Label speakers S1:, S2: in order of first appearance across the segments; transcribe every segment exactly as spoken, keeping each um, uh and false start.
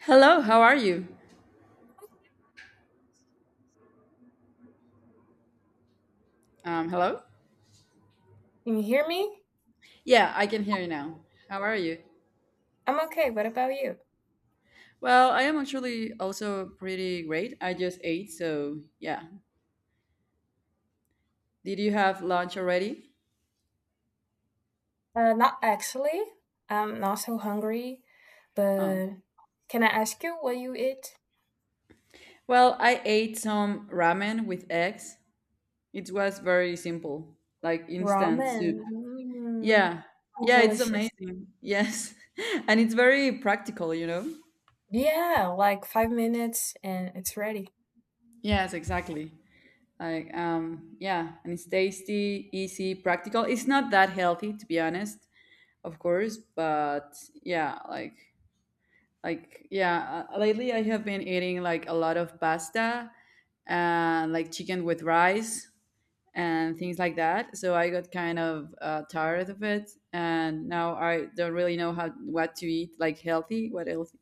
S1: Hello, how are you? Um, hello?
S2: Can you hear me?
S1: Yeah, I can hear you now. How are you?
S2: I'm okay. What about you?
S1: Well, I am actually also pretty great. I just ate, so yeah. Did you have lunch already?
S2: Uh, not actually. I'm not so hungry,
S1: Oh.
S2: but can I ask you what you eat?
S1: Well, I ate some ramen with eggs. It was very simple, like instant
S2: Ramen.
S1: soup. Yeah.
S2: Mm,
S1: Yeah, it's
S2: delicious.
S1: amazing. Yes. And it's very practical, you know?
S2: Yeah, like five minutes and it's ready.
S1: Yes, exactly. Like, um, yeah, and it's tasty, easy, practical. It's not that healthy, to be honest. Of course, but yeah, like like yeah, uh, lately I have been eating like a lot of pasta and like chicken with rice and things like that, so I got kind of, uh, tired of it, and now I don't really know how what to eat, like, healthy, what else.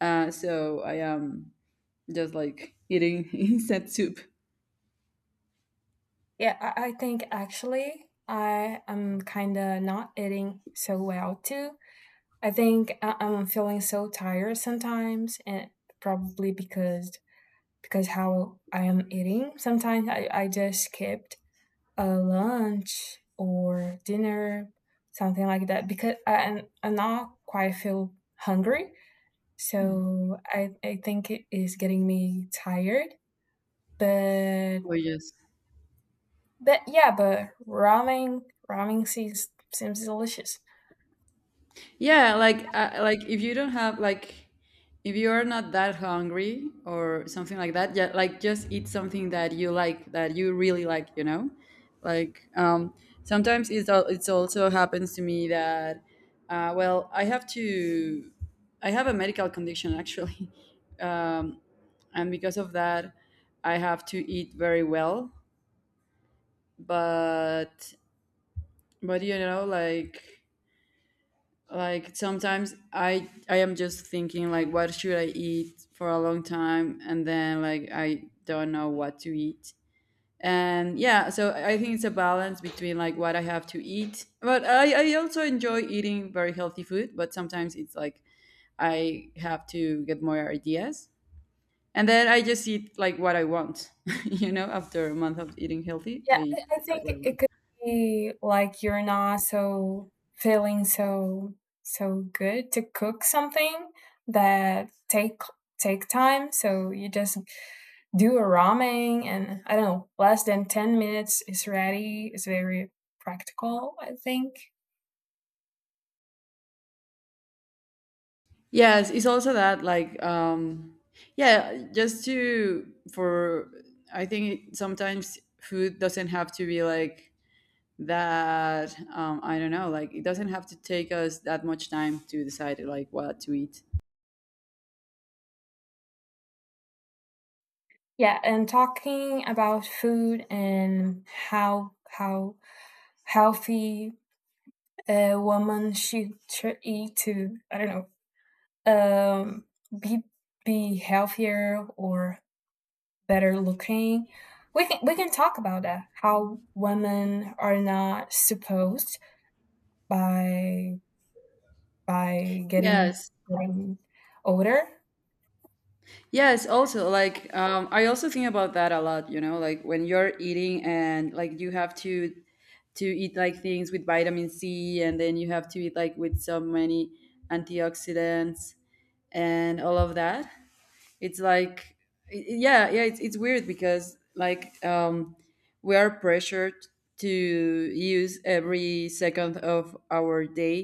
S1: Uh, so I am just like eating instant soup
S2: Yeah, I, I think actually I am kind of not eating so well too. I think I, I'm feeling so tired sometimes, and probably because because how I am eating. Sometimes I, I just skip a lunch or dinner, something like that. Because I, I'm not quite feel hungry, so I I think it is getting me tired. But
S1: or just.
S2: but yeah, but ramen ramen seems seems delicious.
S1: Yeah, like, uh, like if you don't have like, if you are not that hungry or something like that, yeah, like just eat something that you like that you really like, you know? Like, um sometimes it's al- it's also happens to me that, uh well, I have to I have a medical condition actually. Um and because of that, I have to eat very well, but but you know, like, like sometimes i i am just thinking like what should I eat for a long time, and then like I don't know what to eat. And yeah, so I think it's a balance between like what I have to eat, but i i also enjoy eating very healthy food, but sometimes it's like I have to get more ideas, and then I just eat like what I want you know, after a month of eating healthy I
S2: Yeah,
S1: eat
S2: I I think
S1: like what I
S2: it
S1: want.
S2: could be like you're not so feeling so so good to cook something that take take time. So you just do a ramen and I don't know, less than ten minutes is ready. It's very practical, I think.
S1: Yes, it's also that like, um yeah, just to, for, I think sometimes food doesn't have to be like that, um I don't know, like it doesn't have to take us that much time to decide like what to eat.
S2: Yeah, and talking about food and how how healthy a woman should, should eat to I don't know, um be be healthier or better looking, we can we can talk about that, how women are not supposed, by by getting
S1: Yes.
S2: getting older.
S1: Yes, also like, um I also think about that a lot, you know, like when you're eating and like you have to to eat like things with vitamin C, and then you have to eat like with so many antioxidants and all of that. It's like, yeah, yeah, it's, it's weird because like, um we are pressured to use every second of our day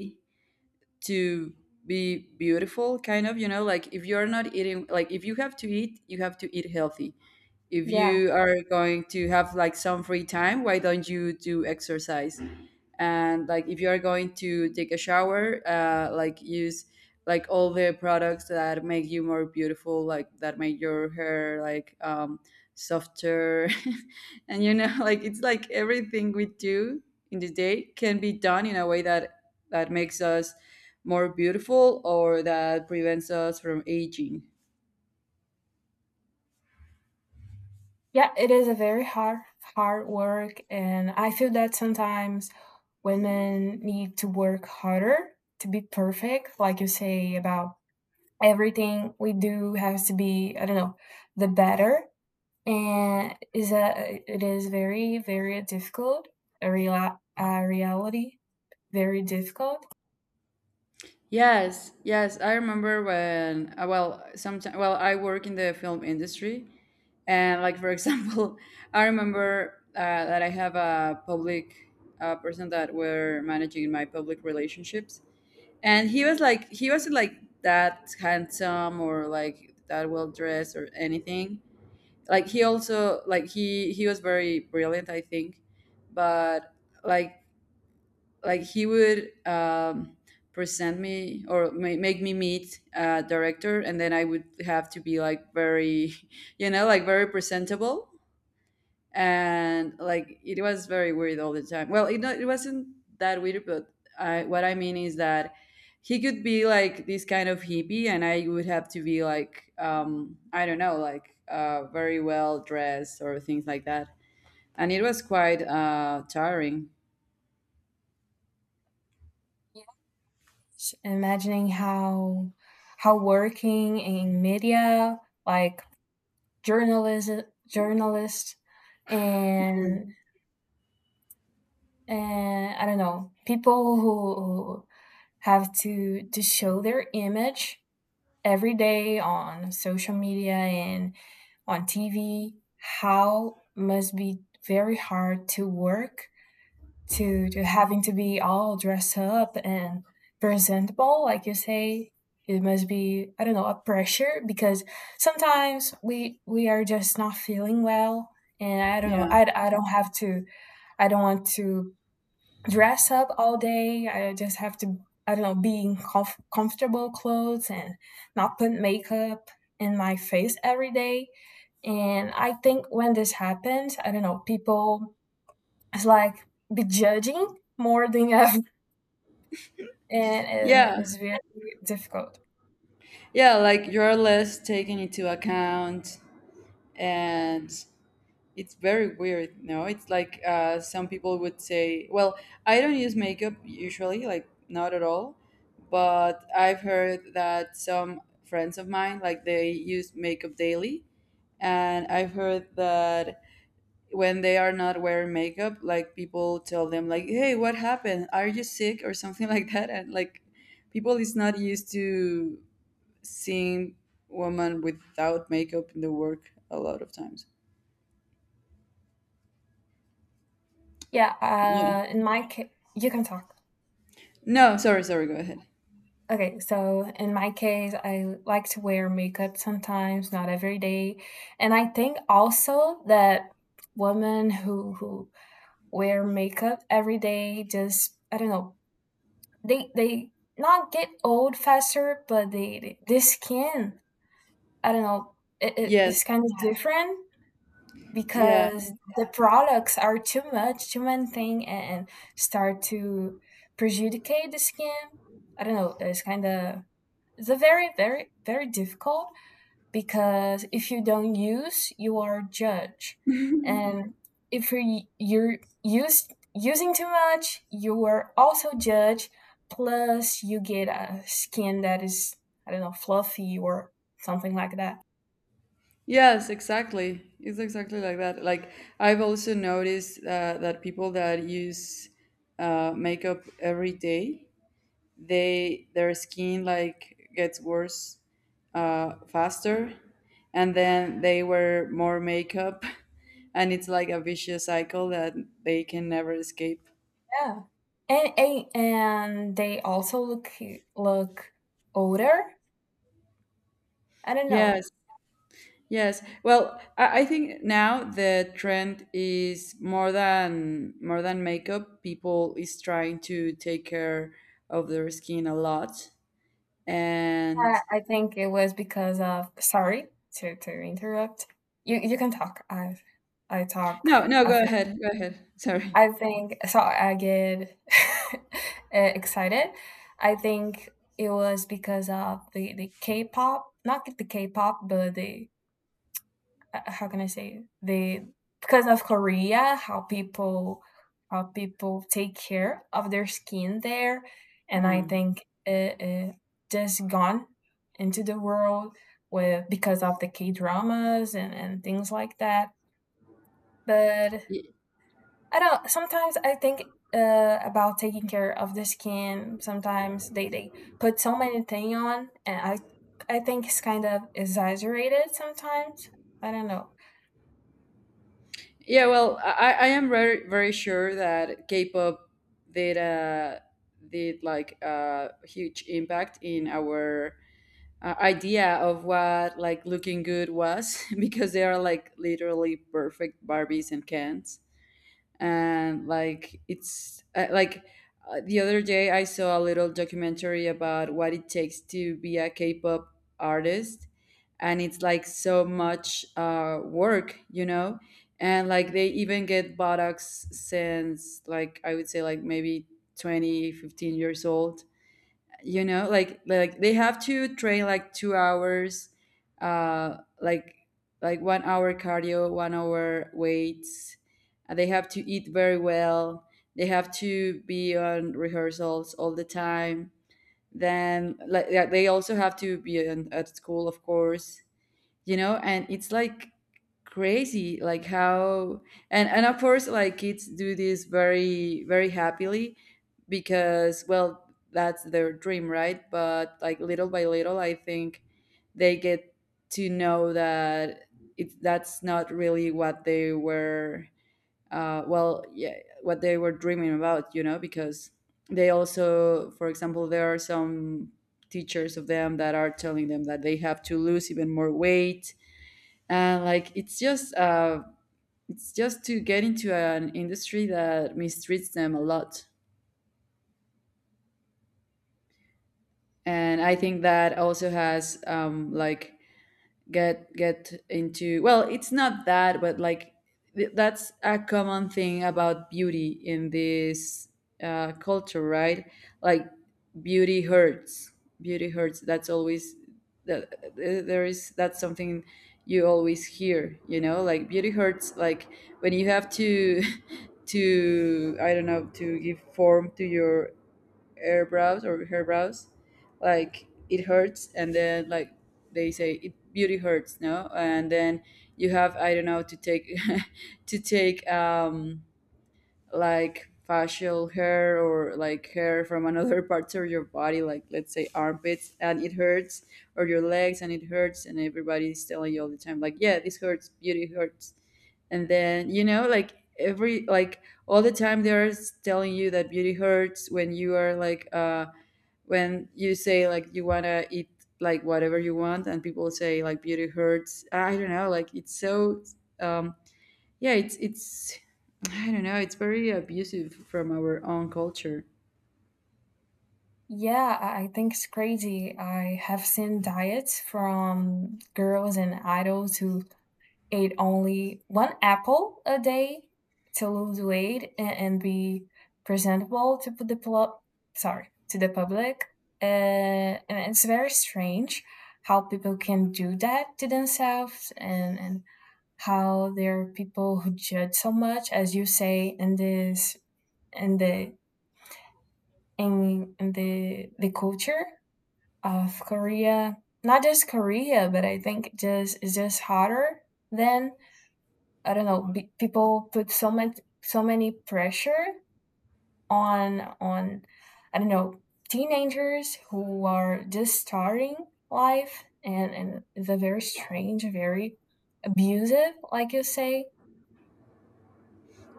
S1: to be beautiful kind of, you know, like if you're not eating, like if you have to eat, you have to eat healthy. If
S2: Yeah,
S1: you are going to have like some free time, why don't you do exercise? And like, if you are going to take a shower, uh like use like all the products that make you more beautiful, like that make your hair like, um softer and you know like it's like everything we do in the day can be done in a way that that makes us more beautiful, or that prevents us from aging.
S2: yeah, it is a very hard hard work, and I feel that sometimes women need to work harder to be perfect, like you say, about everything we do has to be, I don't know, the better. And is that, it is very very difficult, a real, uh, reality, very difficult.
S1: Yes, yes, I remember when, uh, well, sometimes, well, I work in the film industry, and like, for example, I remember, uh, that I have a public, uh, person that were managing my public relationships, and he was like, he wasn't like that handsome or like that well dressed or anything. Like he also, like he he was very brilliant, I think, but like, like he would, um, present me or ma- make me meet a director, and then I would have to be like very you know, like very presentable. And like, it was very weird all the time, well it, not, it wasn't that weird, but I, what I mean is that he could be like this kind of hippie, and I would have to be like, um, I don't know, like, uh, very well dressed or things like that. And it was quite, uh, tiring.
S2: Yes, imagining how how working in media, like journalism, journalists,
S1: Mm.
S2: and and I don't know, people who, who have to to show their image every day on social media and on T V, how must be very hard to work, to to having to be all dressed up and presentable, like you say. It must be, I don't know, a pressure, because sometimes we we are just not feeling well, and I don't know,
S1: Yeah,
S2: i, I don't have to, I don't want to dress up all day. I just have to, I don't know, be in comf- comfortable clothes and not put makeup in my face every day. And I think when this happens, I don't know, people is like be judging more than ever, and, and
S1: yeah.
S2: it's very difficult.
S1: Yeah, like you're less taken into account, and it's very weird. No, it's like, uh, some people would say, "Well, I don't use makeup usually, like not at all," but I've heard that some friends of mine, like they use makeup daily, and I've heard that when they are not wearing makeup, like people tell them, like, "Hey, what happened? Are you sick or something like that?" And like, people is not used to seeing women without makeup in the work a lot of times.
S2: Yeah,
S1: Yeah.
S2: uh, in my case, you can talk.
S1: No, sorry, sorry, go ahead.
S2: Okay, so in my case, I like to wear makeup sometimes, not every day. And I think also that women who who wear makeup every day, just I don't know, they they not get old faster, but they, they this skin, I don't know, it, it,
S1: Yes.
S2: it's kind of, yeah, different,
S1: Yeah.
S2: because the products are too much, too many thing, and, and start to prejudicate the skin. I don't know, it's kind of, they're very very very difficult, because if you don't use, you are judged, and if you you're used using too much, you are also judged, plus you get a skin that is, I don't know, fluffy or something like that.
S1: Yes, exactly. It's exactly like that. Like, I've also noticed, uh, that people that use, uh, makeup every day, they their skin like gets worse, uh, faster, and then they wear more makeup, and it's like a vicious cycle that they can never escape.
S2: Yeah, and and, and they also look look older, I don't know.
S1: Yes, yes. Well, I, I think now the trend is more than more than makeup. People is trying to take care of their skin a lot.
S2: Uh,
S1: And
S2: I think it was because of, sorry to to interrupt. You you can talk. I I talk
S1: no, no, go
S2: after.
S1: ahead, go ahead. Sorry.
S2: I think so. I get uh, excited. I think it was because of the the K-pop, not the K-pop, but the, uh, how can I say, the, because of Korea, how people, how people take care of their skin there, and I
S1: Hmm.
S2: think it, it just gone into the world with, because of the K dramas and and things like that. But
S1: Y-
S2: I don't. Sometimes I think, uh, about taking care of the skin. Sometimes they they put so many thing on, and I I think it's kind of exaggerated sometimes. I don't know.
S1: Yeah, well, I, I am very, very sure that K-pop did uh, did like a huge impact in our, uh, idea of what like looking good was because they are like literally perfect Barbies and Kens. And like, it's uh, like uh, the other day I saw a little documentary about what it takes to be a K-pop artist, and it's like so much, uh, work, you know? And like they even get buttocks since, like, I would say, like, maybe twenty fifteen years old, you know, like like they have to train like two hours, uh like, like one hour cardio, one hour weights. Uh, they have to eat very well. They have to be on rehearsals all the time. Then like, yeah, they also have to be in, at school, of course, you know, and it's like crazy, like how. And and of course, like kids do this very, very happily because, well, that's their dream, right? But like, little by little, I think they get to know that, it that's not really what they were, uh well, yeah, what they were dreaming about, you know, because they also, for example, there are some teachers of them that are telling them that they have to lose even more weight. And like, it's just uh it's just to get into an industry that mistreats them a lot. And I think that also has, um like get get into, well, it's not that, but like, th- that's a common thing about beauty in this, uh, culture, right? Like, beauty hurts. Beauty hurts, that's always, that there is, that's something you always hear, you know, like beauty hurts. Like when you have to to, I don't know, to give form to your eyebrows or her brows, like it hurts, and then like they say it, beauty hurts, no, and then you have, I don't know, to take to take, um like facial hair, or like hair from another parts of your body, like let's say armpits, and it hurts, or your legs, and it hurts, and everybody's telling you all the time, like, yeah, this hurts, beauty hurts. And then, you know, like every, like all the time they're telling you that beauty hurts when you are like, uh, when you say like you want to eat like whatever you want, and people say like beauty hurts. I don't know, like it's so, um, yeah, it's it's I don't know, it's very abusive from our own culture.
S2: Yeah, I I think it's crazy. I have seen diets from girls and idols who ate only one apple a day to lose weight, and, and be presentable to put the pl- sorry, to the public. Uh, and it's very strange how people can do that to themselves, and, and how there are people who judge so much, as you say, in this, in the, in, in the the culture of Korea. Not just Korea, but I think just it's just hotter than, I don't know. Be, people put so much, so many pressure on on I don't know, teenagers who are just starting life, and and it's a very strange, very abusive, like you say.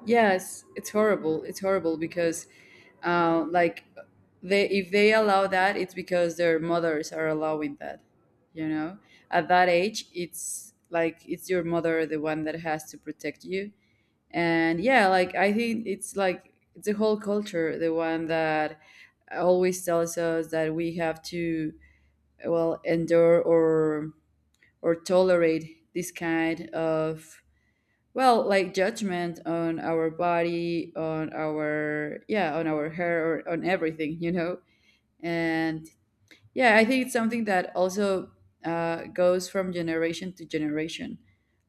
S1: Yes, it's horrible, it's horrible because, uh, like they, if they allow that, it's because their mothers are allowing that, you know. At that age, it's like it's your mother the one that has to protect you, and yeah, like, I think it's like it's the whole culture the one that always tells us that we have to, well, endure or or tolerate this kind of, well, like judgment on our body, on our, yeah, on our hair, or on everything, you know. And yeah, I think it's something that also, uh, goes from generation to generation.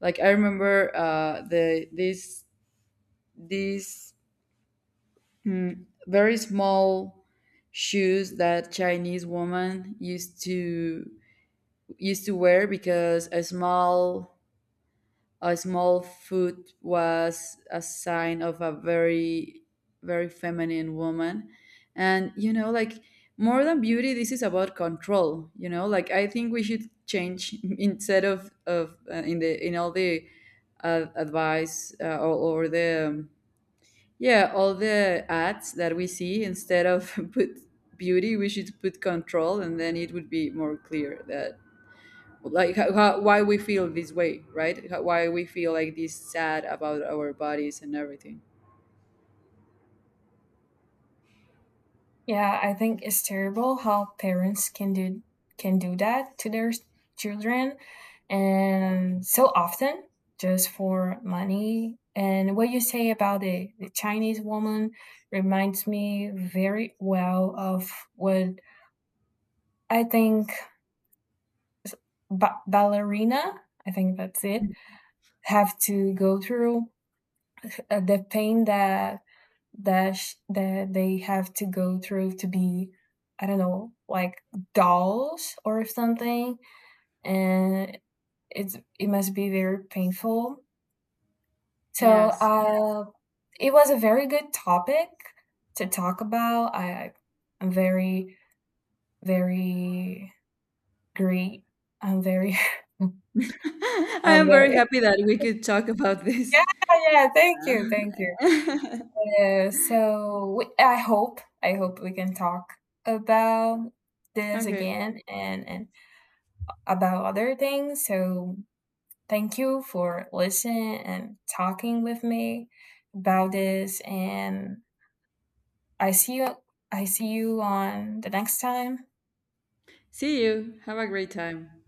S1: Like, I remember, uh, the this these, mm, very small shoes that Chinese woman used to used to wear because a small. A small foot was a sign of a very, very feminine woman. And, you know, like, more than beauty, this is about control, you know, like, I think we should change instead of, of uh, in the, in all the, uh, advice, uh, or, or the, um, yeah, all the ads that we see, instead of put beauty, we should put control, and then it would be more clear that, like, how, how, why we feel this way, right? How, why we feel like this sad about our bodies and everything.
S2: Yeah, I think it's terrible how parents can do can do that to their children, and so often just for money. And what you say about the, the Chinese woman reminds me very well of what I think ba- ballerina, I think that's it, have to go through, uh, the pain that that sh- that they have to go through to be, I don't know, like dolls or something. And it's, it must be very painful. So
S1: Yes.
S2: uh it was a very good topic to talk about. I I'm very very great. I'm very
S1: I
S2: I'm
S1: am very
S2: very,
S1: happy that we could talk about this.
S2: yeah, yeah, thank you, thank you. Uh, so we, I hope I hope we can talk about this
S1: Okay,
S2: again, and and about other things. So thank you for listening and talking with me about this. And I see you. I see you on the next time.
S1: see you, have a great time.